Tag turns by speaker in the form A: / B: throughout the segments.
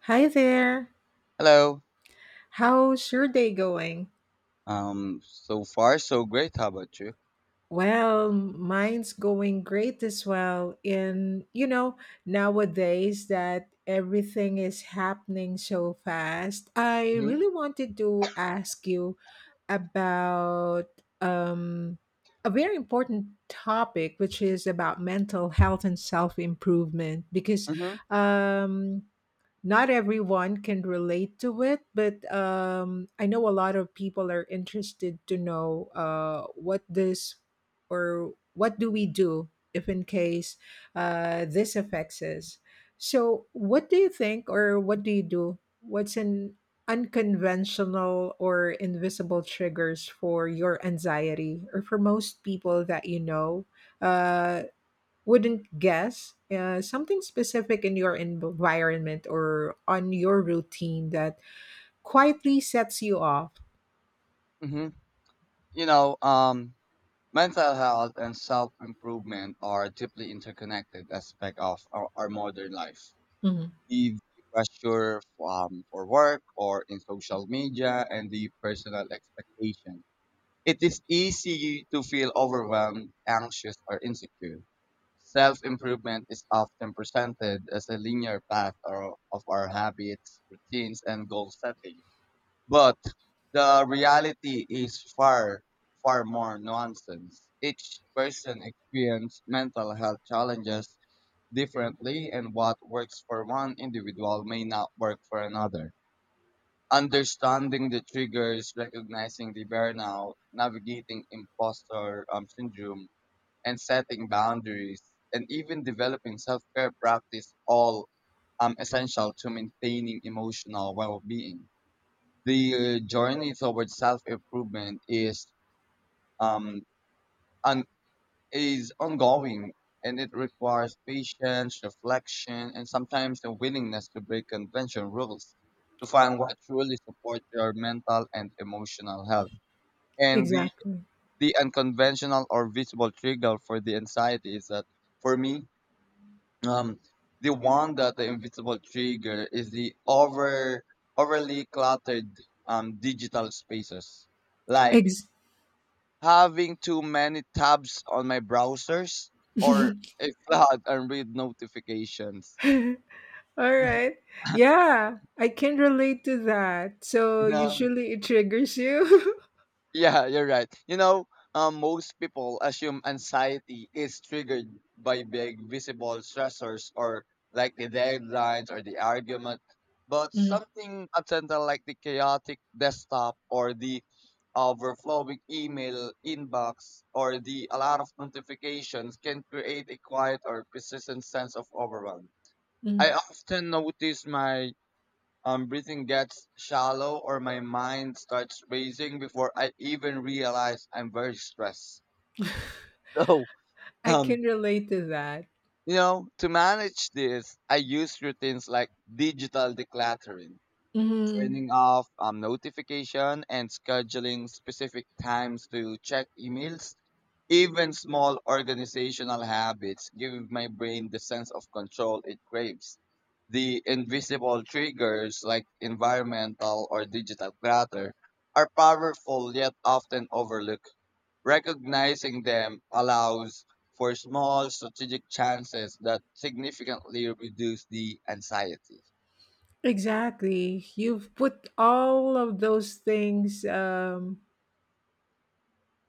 A: Hi there.
B: Hello.
A: How's your day going?
B: So far so great. How about you?
A: Well, mine's going great as well. And nowadays that everything is happening so fast, I
B: Mhm.
A: really wanted to ask you about um, a very important topic, which is about mental health and self improvement, because
B: Mhm.
A: um, not everyone can relate to it, but I know a lot of people are interested to know what this or what do we do if in case this affects us. So, what do you think, or what do you do? What's an unconventional or invisible triggers for your anxiety, or for most people that you know? Uh, wouldn't guess something specific in your environment or on your routine that quietly sets you off.
B: Mhm. You know, um, Mental health and self improvement are deeply interconnected aspect of our modern life.
A: Mhm.
B: The pressure for work or in social media and the personal expectation. It is easy to feel overwhelmed, anxious, or insecure. Self improvement is often presented as a linear path of our habits, routines, and goal setting. But the reality is far, far more nonsense. Each person experiences mental health challenges differently, and what works for one individual may not work for another. Understanding the triggers, recognizing the burnout, navigating imposter syndrome, and setting boundaries, and even developing self-care practice all essential to maintaining emotional well-being. The journey towards self-improvement is um, an is ongoing and it requires patience, reflection, and sometimes the willingness to break convention rules to find what truly supports your mental and emotional health. And the,
A: Exactly.
B: the unconventional or visible trigger for the anxiety is that for me, um, the one that the invisible trigger is the overly cluttered digital spaces like
A: Ex-
B: having too many tabs on my browsers or a flood and read notifications.
A: all
B: You
A: right, yeah, I can relate to that. So
B: know?
A: usually it triggers you.
B: Yeah, you're right. Most people assume anxiety is triggered by big visible stressors or like the deadlines or the argument, but
A: Mm,
B: something accidental like the chaotic desktop or the overflowing email inbox or the a lot of notifications can create a quiet or persistent sense of overwhelm. I
A: mm.
B: often notice my breathing gets shallow or my mind starts racing before I even realize I'm very stressed. So,
A: I
B: um,
A: can relate to that.
B: to manage this, I use routines like digital decluttering.
A: Mhm.
B: Turning off notification and scheduling specific times to check emails. Even small organizational habits give my brain the sense of control it craves. The invisible triggers like environmental or digital clutter are powerful yet often overlooked. Recognizing them allows for small strategic chances that significantly reduce the anxiety.
A: Exactly. You've put all of those things,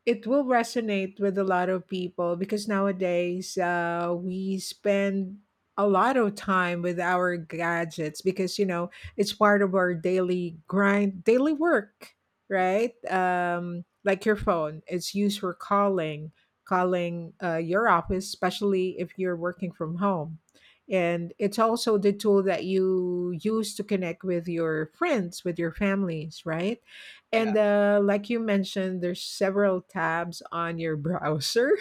A: it will resonate with a lot of people because nowadays we spend a lot of time with our gadgets because it's part of our daily grind daily work,
B: Hmm?
A: right? Like your phone, it's used for calling your office, especially if you're working from home. And it's also the tool that you use to connect with your friends, with your families, right? And
B: Yeah,
A: like you mentioned, there's several tabs on your browser.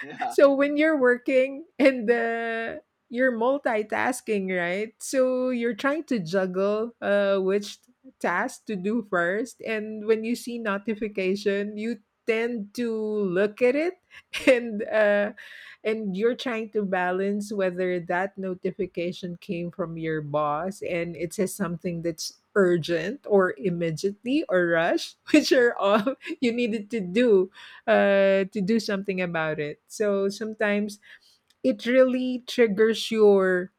B: yeah.
A: So when you're working and you're multitasking, right? So you're trying to juggle which task to do first, and when you see notification, you tend to look at it and uh, and you're trying to balance whether that notification came from your boss and it says something that's urgent or immediately or rush, which are all you needed to do something about it. So sometimes it really triggers your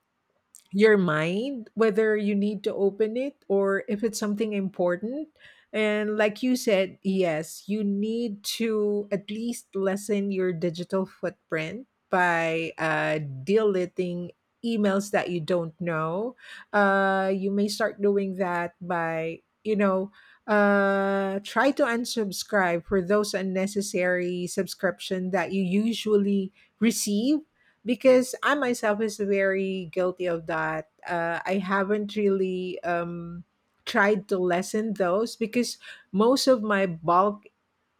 A: your mind whether you need to open it or if it's something important. And like you said, yes, you need to at least lessen your digital footprint by deleting emails that you don't know. You may start doing that by try to unsubscribe for those unnecessary subscription that you usually receive, because I myself is very guilty of that. I haven't really tried to lessen those because most of my bulk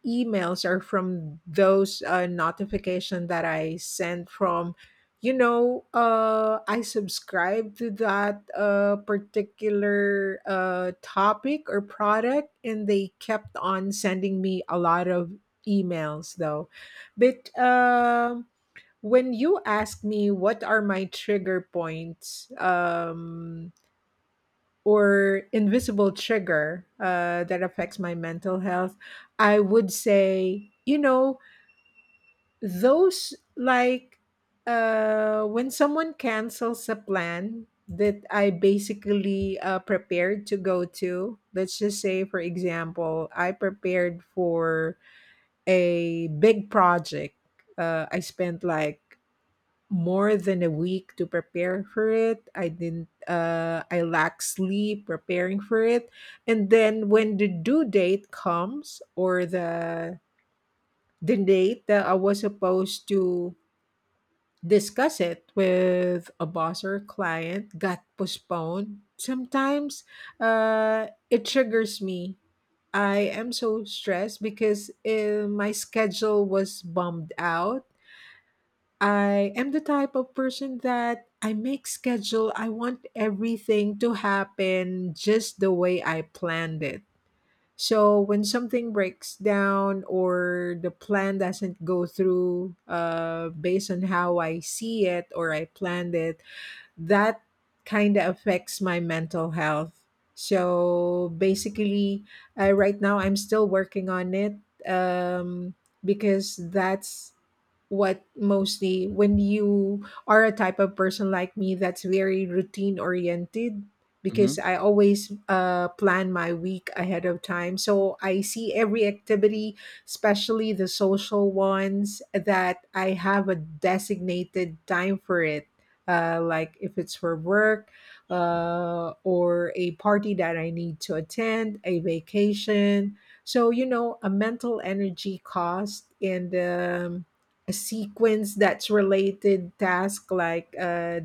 A: emails are from those notification that I send from. I subscribe to that particular topic or product, and they kept on sending me a lot of emails, though. But when you ask me what are my trigger points, or invisible trigger that affects my mental health, I would say, those like when someone cancels a plan that I basically prepared to go to, let's just say, for example, I prepared for a big project. I spent like more than a week to prepare for it. I didn't I lacked sleep preparing for it. And then when the due date comes, or the date that I was supposed to discuss it with a boss or a client got postponed. Sometimes it triggers me. I am so stressed because my schedule was bombed out. I am the type of person that I make schedule. I want everything to happen just the way I planned it. So when something breaks down or the plan doesn't go through, based on how I see it or I planned it, that kind of affects my mental health. So basically, right now I'm still working on it, um, because that's what mostly when you are a type of person like me that's very routine oriented,
B: Hmm.
A: because I always plan my week ahead of time. So I see every activity, especially the social ones, that I have a designated time for it, like if it's for work, or a party that I need to attend, a vacation. So, a mental energy cost and a sequence that's related task like, uh,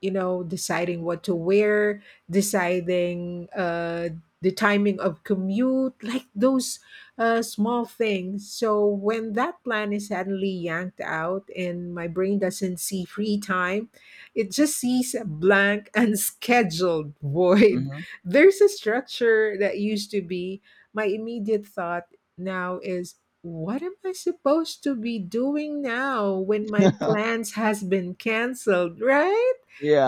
A: you know deciding what to wear, deciding the timing of commute, like those small things. So when that plan is suddenly yanked out and my brain doesn't see free time, it just sees a blank unscheduled void.
B: Mhm.
A: There's a structure that used to be my immediate thought. Now is, what am I supposed to be doing now when my plans has been canceled, right?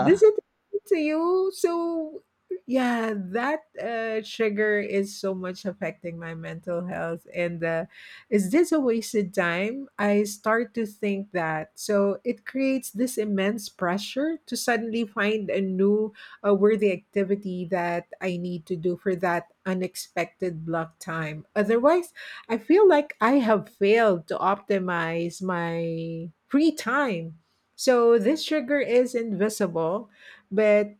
A: Does it happen to you? So, yeah, that trigger is so much affecting my mental health. And is this a wasted time? I start to think that. So, it creates this immense pressure to suddenly find a new, worthy activity that I need to do for that unexpected block time. Otherwise, I feel like I have failed to optimize my free time. So this sugar is invisible, but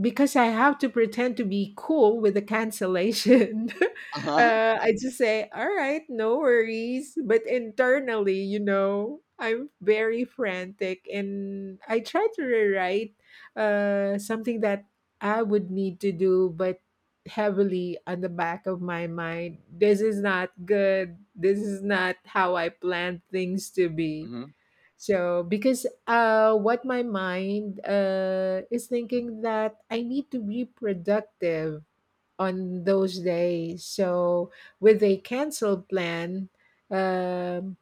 A: because I have to pretend to be cool with the cancellation,
B: Uh-huh.
A: I just say, all right, no worries. But internally, I'm very frantic and I try to rewrite something that I would need to do, but heavily on the back of my mind. This is not good. This is not how I planned things to be.
B: Mhm.
A: So because what my mind is thinking that I need to be productive on those days. So with a cancel plan, um,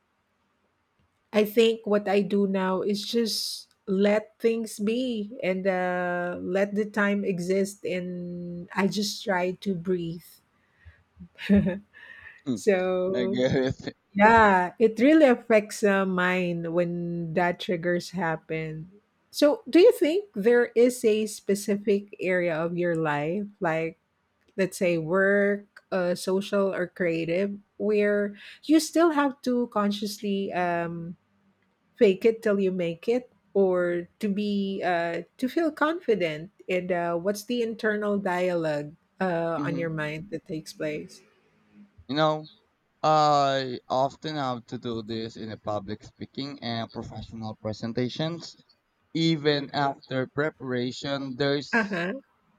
A: I think what I do now is just let things be and let the time exist, and I just try to breathe.
B: Mm. I
A: So.
B: get it.
A: Yeah, it really affects the mind when that triggers happen. So, do you think there is a specific area of your life, like let's say work, social, or creative, where you still have to consciously fake it till you make it, or to be to feel confident? And what's the internal dialogue on
B: Mhm.
A: your mind that takes place?
B: You know, I often have to do this in a public speaking and professional presentations. Even after preparation,
A: Uh
B: there's
A: huh.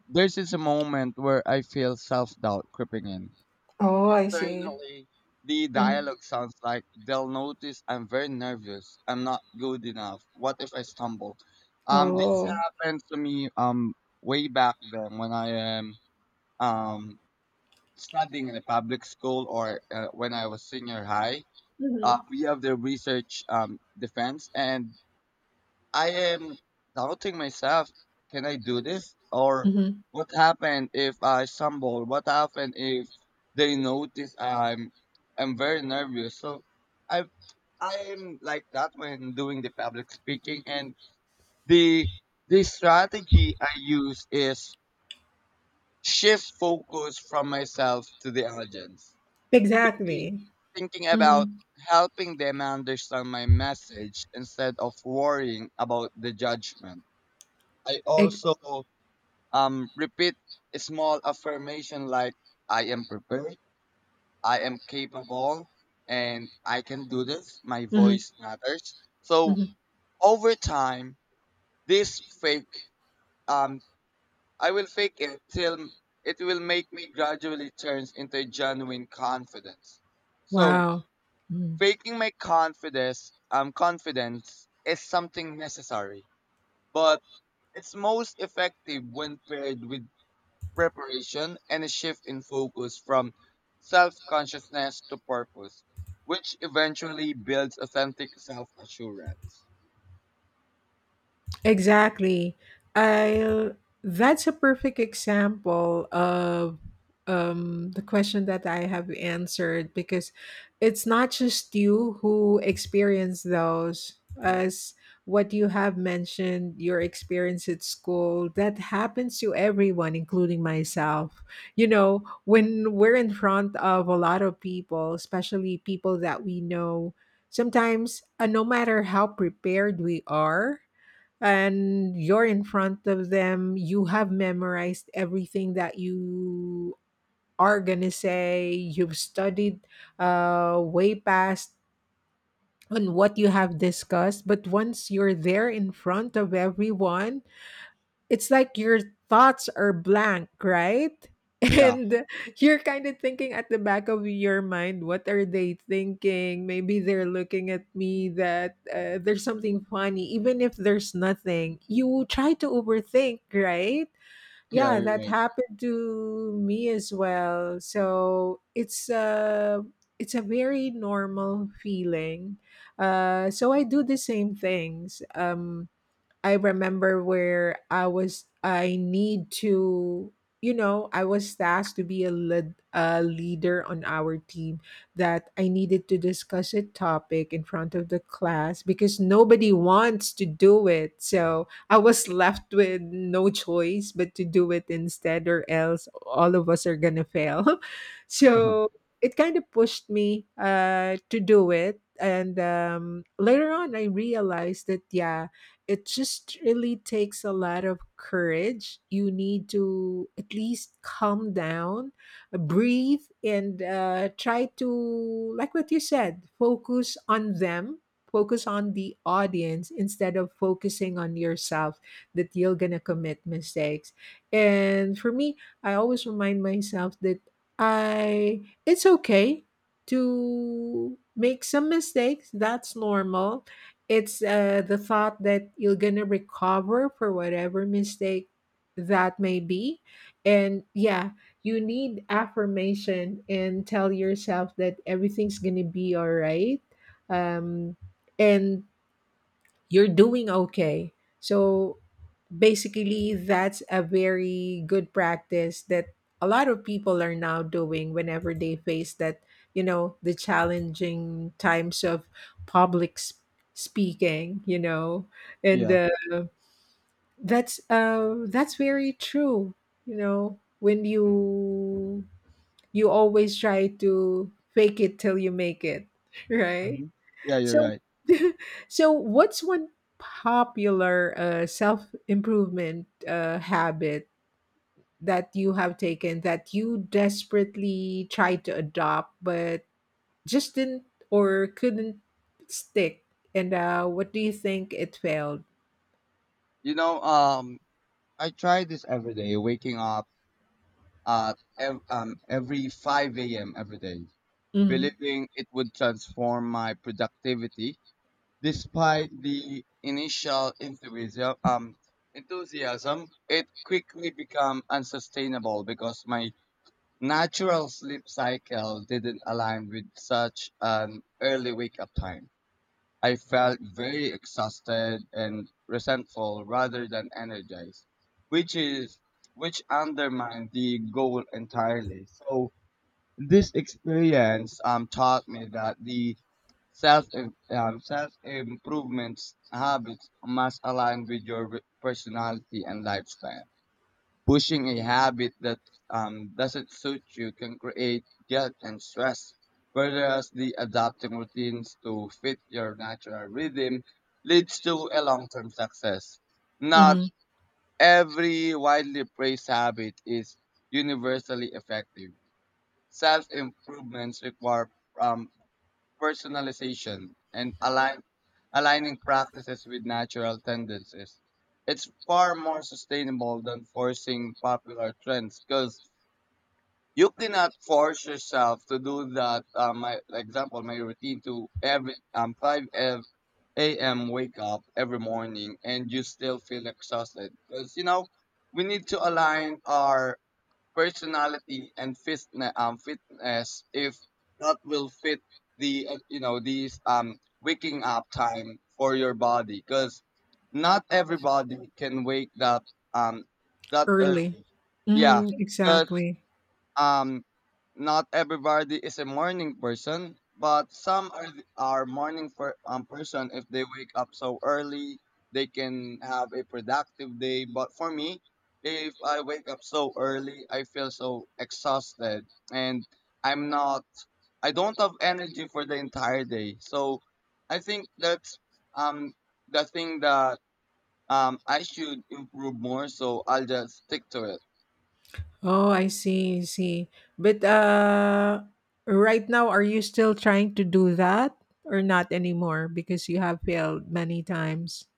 B: there's this moment where I feel self doubt creeping in.
A: Oh, I see.
B: Internally, the
A: Mhm.
B: dialogue sounds like they'll notice I'm very nervous. I'm not good enough. What if I stumble? This
A: Oh.
B: happened to me way back then when I am um studying in a public school or when I was senior high.
A: Mhm.
B: We have the research defense and I am doubting myself. Can I do this? Or
A: Mhm.
B: what happened if I stumble? What happened if they notice I'm very nervous? So I I am like that when doing the public speaking and the the strategy I use is shift focus from myself to the audience. Thinking
A: Exactly.
B: thinking about
A: Mhm.
B: helping them understand my message instead of worrying about the judgment. I
A: Ex
B: also repeat a small affirmation like I am prepared, I am capable, and I can do this. My
A: Mhm.
B: voice matters. So
A: Mhm.
B: over time, this fake um I will fake it till it will make me gradually turns into genuine confidence. So
A: Wow. Mm.
B: faking my confidence is something necessary, but it's most effective when paired with preparation, and a shift in focus from self consciousness to purpose, which eventually builds authentic self assurance.
A: Exactly. I That's a perfect example of the question that I have answered, because it's not just you who experience those,
B: Mhm.
A: as what you have mentioned your experience at school that happens to everyone including myself. You know, when we're in front of a lot of people, especially people that we know, sometimes no matter how prepared we are, and you're in front of them, you have memorized everything that you are gonna say, you've studied way past on what you have discussed, but once you're there in front of everyone, it's like your thoughts are blank, right?
B: Yeah,
A: And you're kind of thinking at the back of your mind, what are they thinking? Maybe they're looking at me that there's something funny, even if there's nothing. You try to overthink, right?
B: yeah,
A: Yeah,
B: you're
A: that
B: right.
A: happened to me as well. So it's a very normal feeling. So I do the same things. I remember where I was, I need to, you know, I was tasked to be a leader on our team that I needed to discuss a topic in front of the class because nobody wants to do it. So I was left with no choice but to do it instead, or else all of us are going to fail. So it kind of pushed me to do it. And later on, I realized that, yeah, it just really takes a lot of courage. You need to at least calm down, breathe, and try to, like what you said, focus on them, focus on the audience instead of focusing on yourself that you're going to commit mistakes. And for me, I always remind myself that I, it's okay to make some mistakes. That's normal. It's the thought that you're going to recover for whatever mistake that may be. And yeah, you need affirmation and tell yourself that everything's going to be all right. Um, and you're doing okay. So basically that's a very good practice that a lot of people are now doing whenever they face that, the challenging times of public speaking, and
B: Yeah,
A: that's very true. When you always try to fake it till you make it, right?
B: hmm, yeah, you're
A: so
B: right.
A: so what's one popular self-improvement habit that you have taken that you desperately tried to adopt but just didn't or couldn't stick? And what do you think it failed?
B: You know, um, I try this every day, waking up at every 5 a.m. every day,
A: Mm-hmm.
B: believing it would transform my productivity. Despite the initial enthusiasm, it quickly became unsustainable because my natural sleep cycle didn't align with such an early wake up time. I felt very exhausted and resentful rather than energized, which is which undermined the goal entirely. So this experience taught me that the self self improvement habits must align with your personality and lifestyle. Pushing a habit that doesn't suit you can create guilt and stress, whereas the adapting routines to fit your natural rhythm leads to a long-term success. Not
A: Mm-hmm.
B: every widely praised habit is universally effective. Self-improvements require um, personalization and aligning practices with natural tendencies. It's far more sustainable than forcing popular trends because you cannot force yourself to do that. My example, my routine to every 5 a.m. wake up every morning and you still feel exhausted because we need to align our personality and fitness, fitness if that will fit the these waking up time for your body because not everybody can wake up um that
A: Early.
B: early. Yeah.
A: Mm,
B: 'Cause
A: exactly.
B: um, not everybody is a morning person, but some are are morning person. If they wake up so early, they can have a productive day. But for me, if I wake up so early, I feel so exhausted and I'm not I don't have energy for the entire day. So I think that's um the thing that I should improve more so I'll just stick to it.
A: Oh, I see, I see. But right now, are you still trying to do that or not anymore because you have failed many times?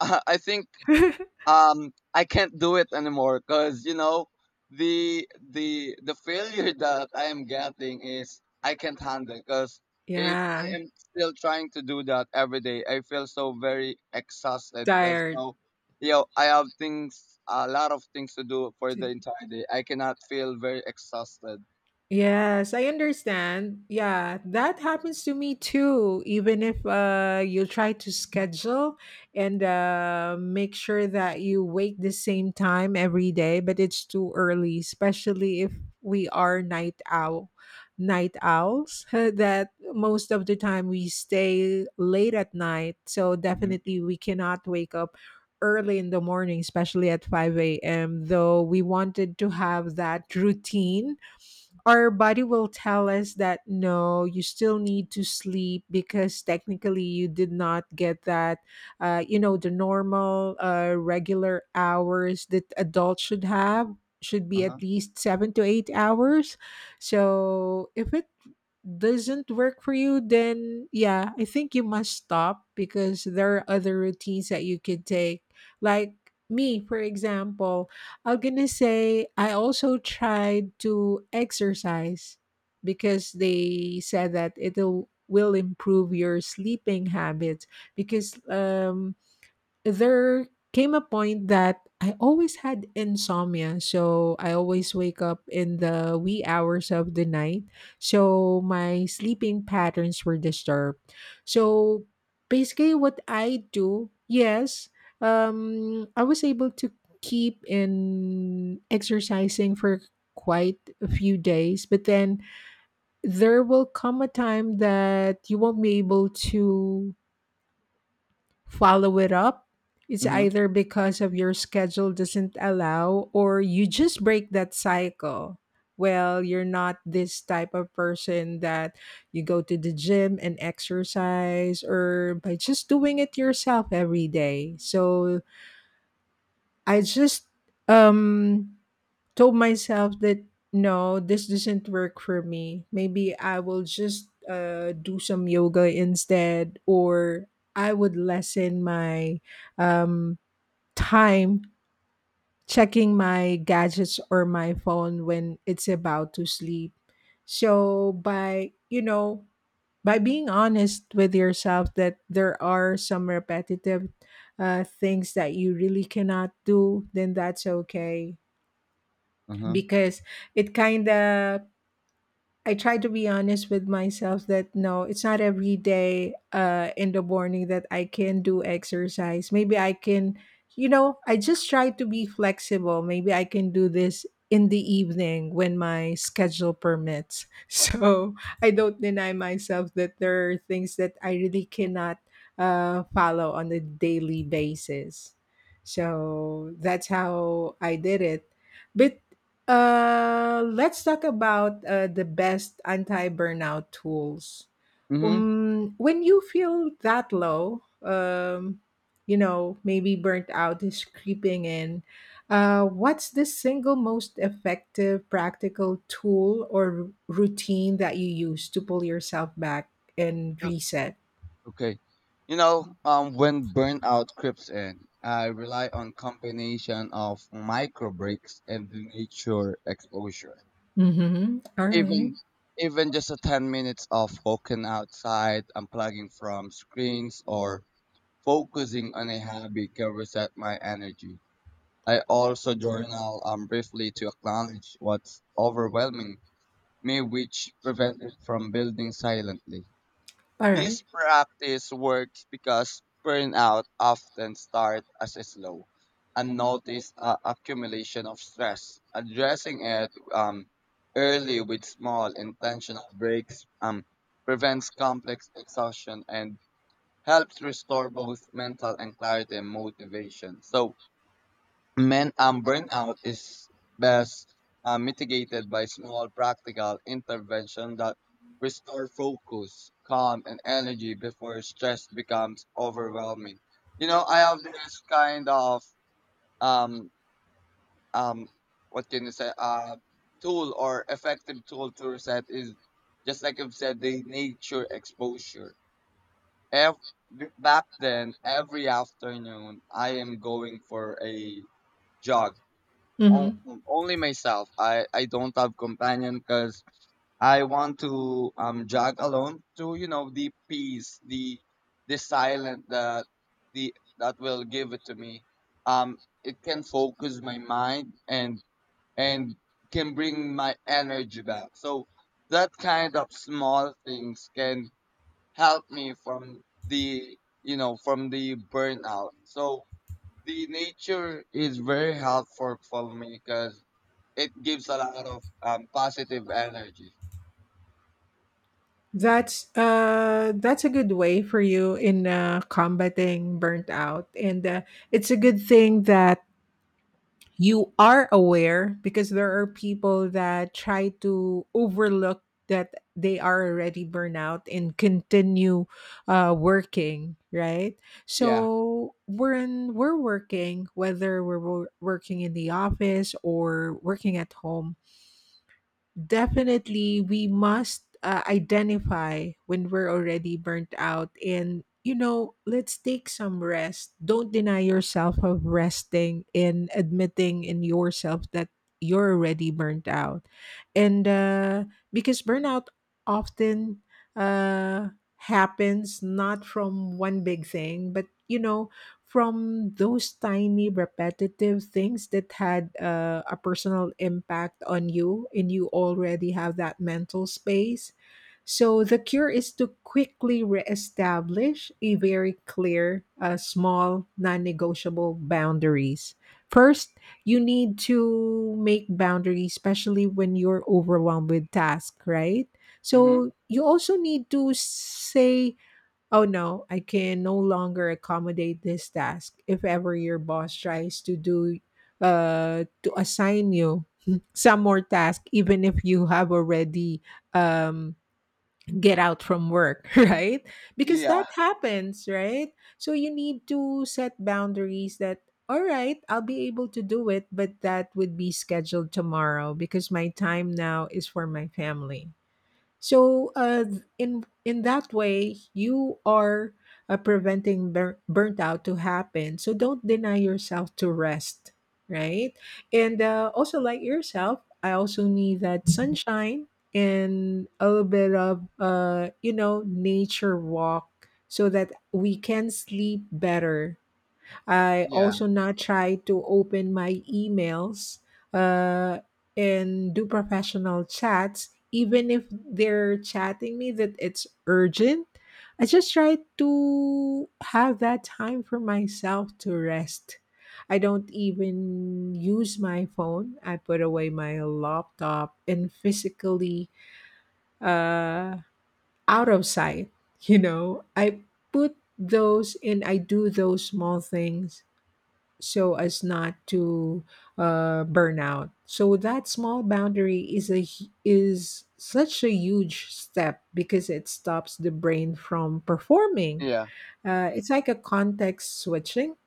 B: I think I can't do it anymore because the failure that I am getting is I can't handle because if
A: Yeah,
B: I am still trying to do that every day, I feel so very exhausted because
A: tired.
B: I have things a lot of things to do for the entire day. I cannot feel very exhausted.
A: Yes, I understand. Yeah, that happens to me too. Even if you try to schedule and make sure that you wake the same time every day, but it's too early, especially if we are night owls. That most of the time we stay late at night, so
B: Mm-hmm.
A: definitely we cannot wake up early in the morning, especially at five a.m. Though we wanted to have that routine, our body will tell us that no, you still need to sleep because technically you did not get that, the normal regular hours that adults should have, should be at
B: Uh-huh.
A: least 7 to 8 hours. So if it doesn't work for you, then yeah, I think you must stop because there are other routines that you could take. Like me, for example, I'm gonna say I also tried to exercise because they said that it'll will improve your sleeping habits because there came a point that I always had insomnia. So I always wake up in the wee hours of the night. So my sleeping patterns were disturbed. So basically, what I do, yes, I was able to keep in exercising for quite a few days, but then there will come a time that you won't be able to follow it up. It's
B: Mm-hmm.
A: either because of your schedule doesn't allow or you just break that cycle. Well, you're not this type of person that you go to the gym and exercise or by just doing it yourself every day. So I just um told myself that no, this doesn't work for me. Maybe I will just do some yoga instead, or I would lessen my um, time checking my gadgets or my phone when it's about to sleep. So, by being honest with yourself that there are some repetitive things that you really cannot do, then that's okay
B: Uh-huh.
A: because it kind of I try to be honest with myself that no, it's not every day in the morning that I can do exercise. Maybe I can, you know, I just try to be flexible. Maybe I can do this in the evening when my schedule permits. So I don't deny myself that there are things that I really cannot follow on a daily basis. So that's how I did it. But let's talk about the best anti-burnout tools.
B: Mm-hmm.
A: When you feel that low, maybe burnt out is creeping in. What's the single most effective practical tool or routine that you use to pull yourself back and reset?
B: Okay. When burnout creeps in, I rely on combination of micro breaks and nature exposure.
A: Mm-hmm. All right.
B: Even Even just a 10 minutes of walking outside, unplugging from screens or focusing on a hobby can reset my energy. I also journal briefly to acknowledge what's overwhelming me, which prevent it from building silently.
A: All
B: This practice works because burnout often starts as a slow, unnoticed accumulation of stress. Addressing it early with small intentional breaks prevents complex exhaustion and helps restore both mental and clarity and motivation. So, men and burnout is best mitigated by small practical intervention that restore focus, calm, and energy before stress becomes overwhelming. I have this kind of um um what can you say tool or effective tool to reset is just like I've said the nature exposure. Ev- Back then, every afternoon, I am going for a jog on,
A: right.
B: only myself. I don't have companion because I want to jog alone to the peace, the silence that the that will give it to me. It can focus my mind and can bring my energy back. So that kind of small things can help me from the burnout. So the nature is very helpful for me because it gives a lot of positive energy.
A: That's that's a good way for you in combating burnt out, and it's a good thing that you are aware because there are people that try to overlook that they are already burnt out and continue working, right?
B: Yeah.
A: So when we're working, whether working in the office or working at home. Definitely, we must identify when we're already burnt out. And, you know, let's take some rest. Don't deny yourself of resting and admitting in yourself that you're already burnt out. And because burnout often uh, happens not from one big thing, but, you know, from those tiny repetitive things that had a personal impact on you, and you already have that mental space. So the cure is to quickly reestablish a very clear, small, non-negotiable boundaries. First, you need to make boundaries, especially when you're overwhelmed with task, right?
B: Mm-hmm.
A: So you also need to say, oh no, I can no longer accommodate this task if ever your boss tries to do to assign you some more task, even if you have already um get out from work, right? Because that
B: Yeah,
A: happens, right? So you need to set boundaries that, all right, I'll be able to do it, but that would be scheduled tomorrow because my time now is for my family. So in that way, you are preventing burnt out to happen. So don't deny yourself to rest, right? And also like yourself, I also need that sunshine and a little bit of nature walk so that we can sleep better. I
B: yeah.
A: also now try to open my emails uh, and do professional chats, even if they're chatting me that it's urgent. I just try to have that time for myself to rest. I don't even use my phone. I put away my laptop and physically uh, out of sight. You know, I put those and I do those small things so as not to burn out. So that small boundary is is such a huge step because it stops the brain from performing.
B: yeah,
A: It's like a context switching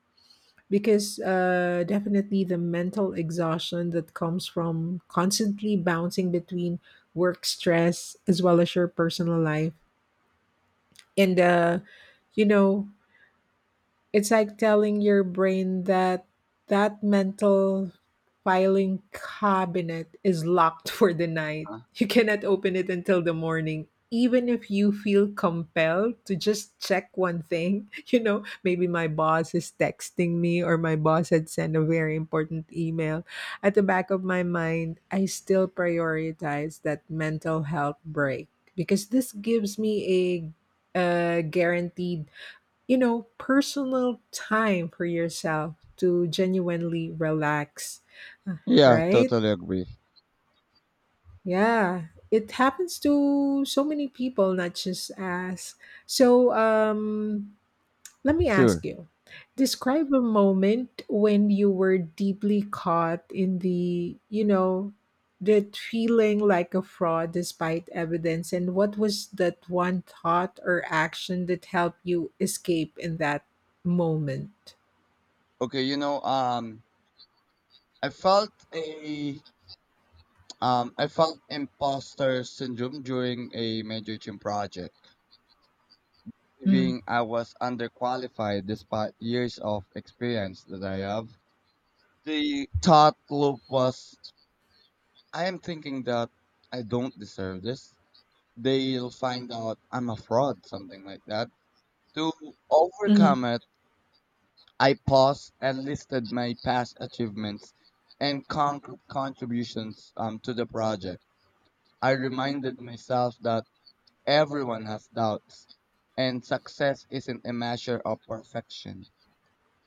A: because definitely the mental exhaustion that comes from constantly bouncing between work stress as well as your personal life and you know it's like telling your brain that mental filing cabinet is locked for the night.
B: uh
A: You cannot open it until the morning. Even if you feel compelled to just check one thing, you know, maybe my boss is texting me or my boss had sent a very important email. At the back of my mind, I still prioritize that mental health break because this gives me a guaranteed, you know, personal time for yourself to genuinely relax, uh,
B: Yeah,
A: right?
B: totally agree.
A: Yeah, it happens to so many people, not just us. So, let me ask
B: Sure.
A: you, describe a moment when you were deeply caught in the, you know, that feeling like a fraud despite evidence, and what was that one thought or action that helped you escape in that moment?
B: Okay. I felt a I felt imposter syndrome during a major gym project,
A: Mm,
B: being I was underqualified despite years of experience that I have. The thought loop was, I am thinking that I don't deserve this. They'll find out I'm a fraud, something like that. To
A: mhm,
B: overcome it, I paused and listed my past achievements and concrete contributions to the project. I reminded myself that everyone has doubts and success isn't a measure of perfection.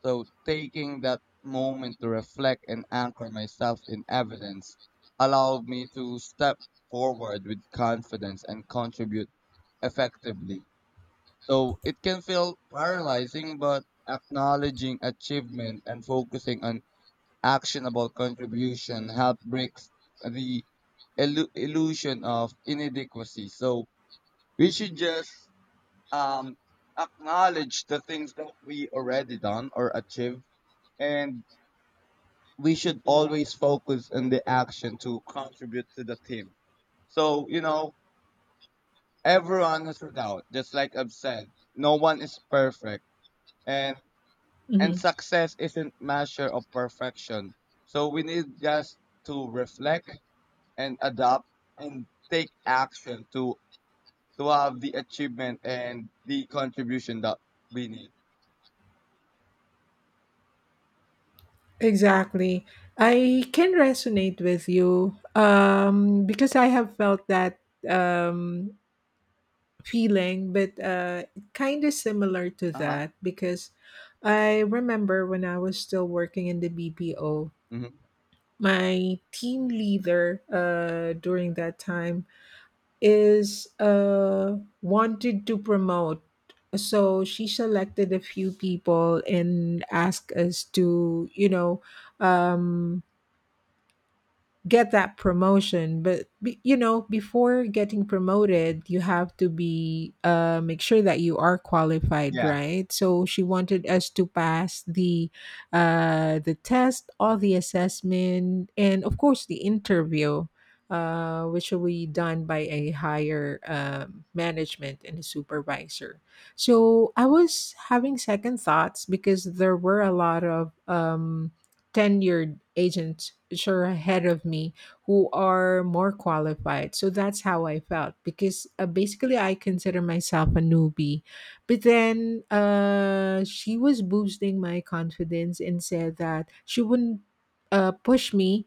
B: So, taking that moment to reflect and anchor myself in evidence allowed me to step forward with confidence and contribute effectively. So it can feel paralyzing, but acknowledging achievement and focusing on actionable contribution help breaks the illusion of inadequacy. So we should just um, acknowledge the things that we already done or achieved, and we should always focus on the action to contribute to the team. So, everyone has a doubt, just like I've said, no one is perfect. And And
A: mhm.
B: success isn't measure of perfection. So we need just to reflect and adapt and take action to have the achievement and the contribution that we need.
A: Exactly. I can resonate with you, because I have felt that um, feeling, but kind of similar to
B: Uh huh.
A: that because I remember when I was still working in the BPO,
B: Mm-hmm.
A: my team leader during that time is wanted to promote. So she selected a few people and asked us to, you know, um, get that promotion. But you know, before getting promoted, you have to be make sure that you are qualified,
B: Yeah.
A: right? So she wanted us to pass the test, all the assessment, and of course the interview, which will be done by a higher management and a supervisor. So I was having second thoughts because there were a lot of tenured agents sure ahead of me who are more qualified. So that's how I felt because basically I consider myself a newbie. But then she was boosting my confidence and said that she wouldn't push me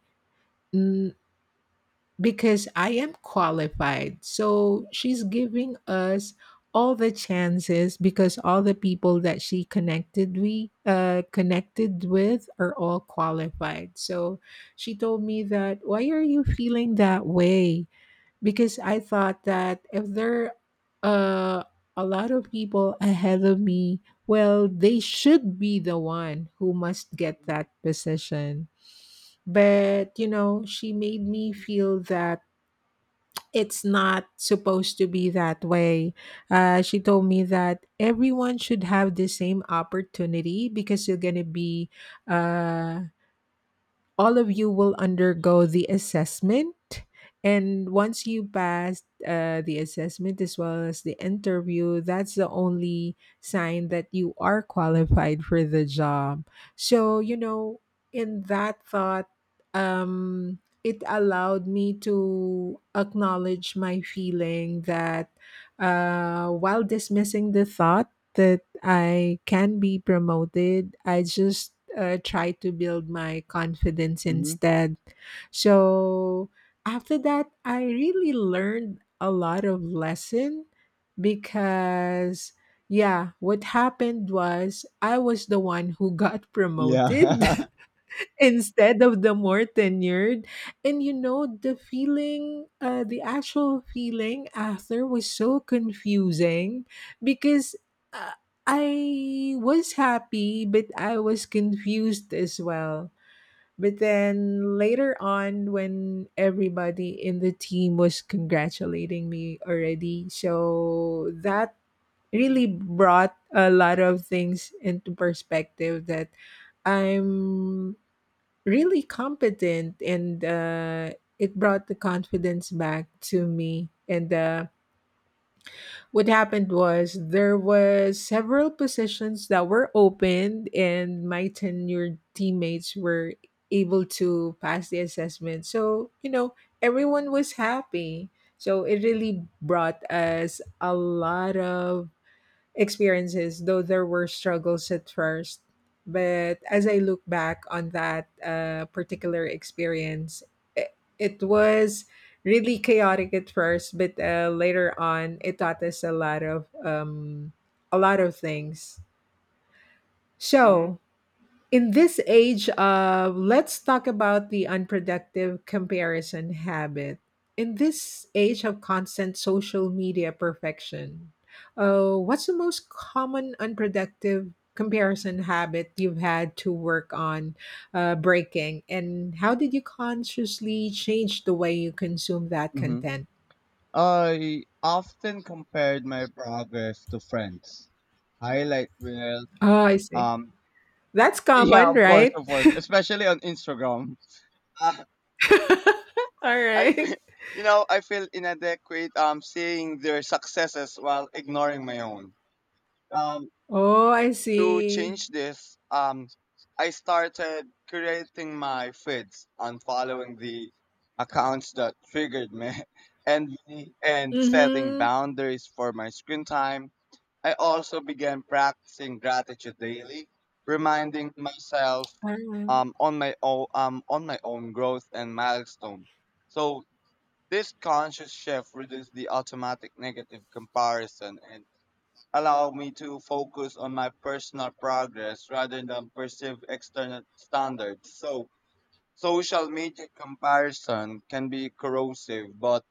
A: because I am qualified. So she's giving us all the chances because all the people that she connected we connected with are all qualified. So she told me that why are you feeling that way? Because I thought that if there are a lot of people ahead of me, well, they should be the one who must get that position. But you know, she made me feel that it's not supposed to be that way. She told me that everyone should have the same opportunity because you're going to be uh, all of you will undergo the assessment, and once you pass the assessment as well as the interview, that's the only sign that you are qualified for the job. So you know, in that thought, um it allowed me to acknowledge my feeling that, while dismissing the thought that I can be promoted. I just try to build my confidence
B: Mm-hmm.
A: instead. So after that, I really learned a lot of lesson because yeah, what happened was I was the one who got promoted
B: Yeah.
A: instead of the more tenured. And you know, the feeling, the actual feeling after was so confusing because uh, I was happy, but I was confused as well. But then later on, when everybody in the team was congratulating me already, so that really brought a lot of things into perspective that I'm really competent, and it brought the confidence back to me. And what happened was there was several positions that were opened, and my tenured teammates were able to pass the assessment. So you know, everyone was happy. So it really brought us a lot of experiences, though there were struggles at first. But as I look back on that particular experience, it was really chaotic at first, but later on, it taught us a lot of things.
B: Hmm.
A: So, in this age, let's talk about the unproductive comparison habit. In this age of constant social media perfection, what's the most common unproductive comparison habit you've had to work on breaking? And how did you consciously change the way you consume that
B: Hmm.
A: content?
B: I often compared my progress to friends. Highlight reels.
A: Oh, I see.
B: Um.
A: That's
B: Yeah,
A: common, right?
B: of course, especially on Instagram.
A: All
B: I
A: right.
B: feel, I feel inadequate seeing their successes while ignoring my own. Um,
A: Oh, I
B: to
A: see.
B: change this, I started creating my feeds and following the accounts that triggered me, and and setting
A: Mm-hmm.
B: boundaries for my screen time. I also began practicing gratitude daily, reminding myself on my own growth and milestone. So this conscious shift reduces the automatic negative comparison and allow me to focus on my personal progress rather than perceive external standards. So social media comparison can be corrosive, but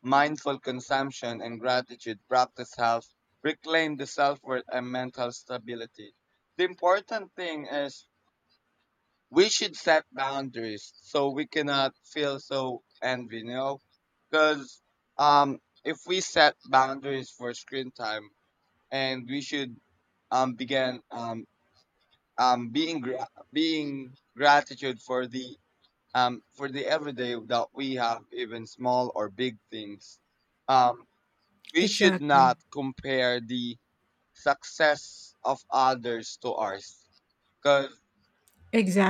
B: mindful consumption and gratitude practice help reclaim the self-worth and mental stability. The important thing is we should set boundaries so we cannot feel so envy, you know? Because um, if we set boundaries for screen time, and we should begin being being gratitude for the everyday that we have, even small or big things. Um, we should not
A: Exactly.
B: compare the success of others to ours, because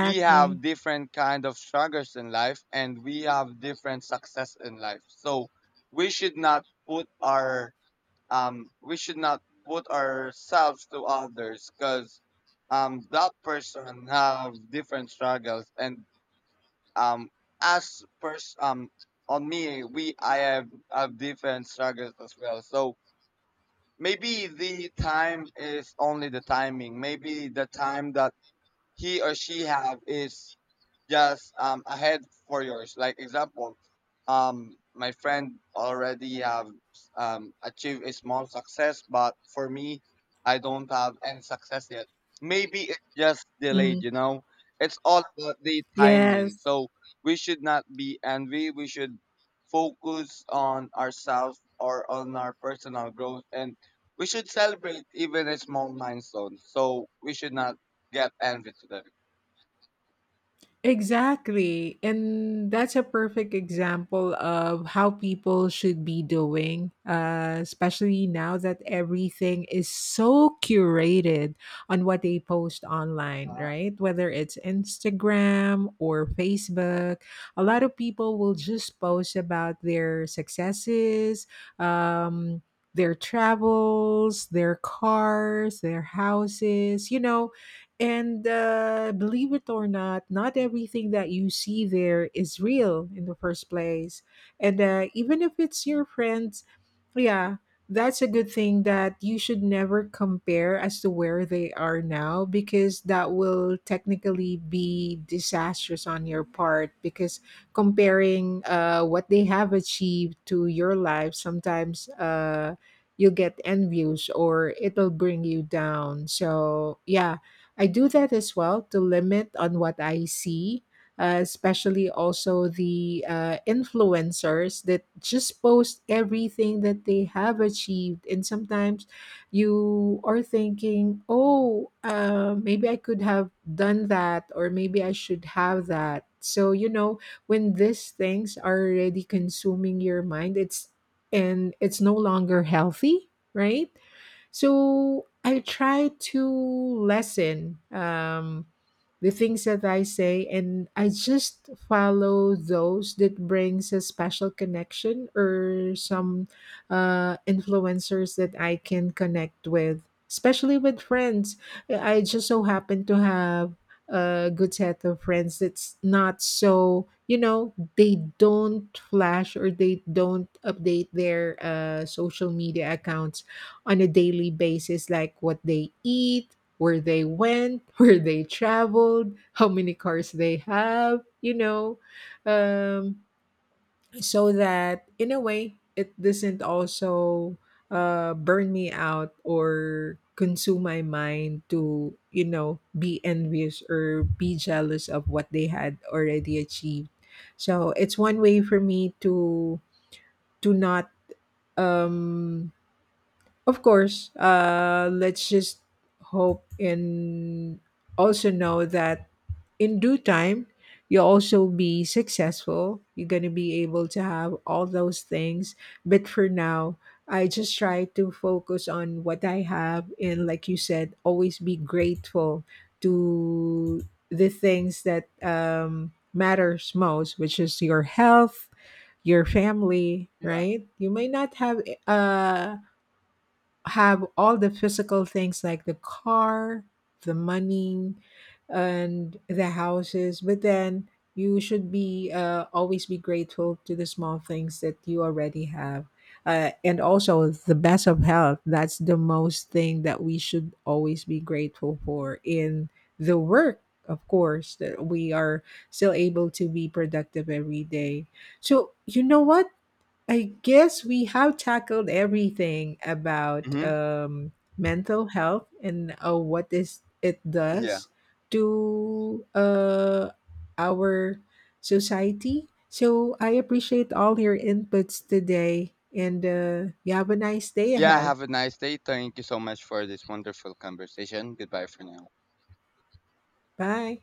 B: we have different kind of struggles in life and we have different success in life so we should not put ourselves to others because that person have different struggles and um as pers- on me we I have different struggles as well so maybe the time is only the timing maybe the time that he or she have is just ahead for yours. Like example, my friend already have achieved a small success, but for me, I don't have any success yet. Maybe it's just delayed.
A: Mhm.
B: It's all about the timing.
A: Yes.
B: So we should not be envy. We should focus on ourselves or on our personal growth and we should celebrate even a small milestone so we should not get envy to them.
A: Exactly. And that's a perfect example of how people should be doing, especially now that everything is so curated on what they post online,
B: Uh,
A: right? Whether it's Instagram or Facebook, a lot of people will just post about their successes, um, their travels, their cars, their houses, you know, and believe it or not, not everything that you see there is real in the first place. And even if it's your friend, yeah, that's a good thing that you should never compare as to where they are now, because that will technically be disastrous on your part because comparing what they have achieved to your life sometimes, you'll get envious or it'll bring you down. So, yeah, I do that as well to limit on what I see, especially also the influencers that just post everything that they have achieved. And sometimes you are thinking, oh, maybe I could have done that, or maybe I should have that. So, you know, when these things are already consuming your mind, it's and it's no longer healthy, right? So I try to lessen the things that I say, and I just follow those that brings a special connection or some influencers that I can connect with, especially with friends. I just so happen to have a good set of friends that's not, so you know, they don't flash or they don't update their social media accounts on a daily basis, like what they eat, where they went, where they traveled, how many cars they have, you know, um, so that in a way it doesn't also burn me out or consume my mind to, you know, be envious or be jealous of what they had already achieved. So it's one way for me to not um of course, let's just hope and also know that in due time, you'll also be successful. You're going to be able to have all those things. But for now, I just try to focus on what I have. And like you said, always be grateful to the things that matters most, which is your health, your family,
B: yeah.
A: right? You may not have uh have all the physical things like the car, the money, and the houses, but then you should be always be grateful to the small things that you already have. And also the best of health. That's the most thing that we should always be grateful for in the work, of course, that we are still able to be productive every day. So, you know what? I guess we have tackled everything about
B: Hmm.
A: mental health and what is it
B: Yeah.
A: does to our society. So I appreciate all your inputs today, and you have a nice day
B: Yeah.
A: ahead.
B: Have a nice day. Thank you so much for this wonderful conversation. Goodbye for now.
A: Bye.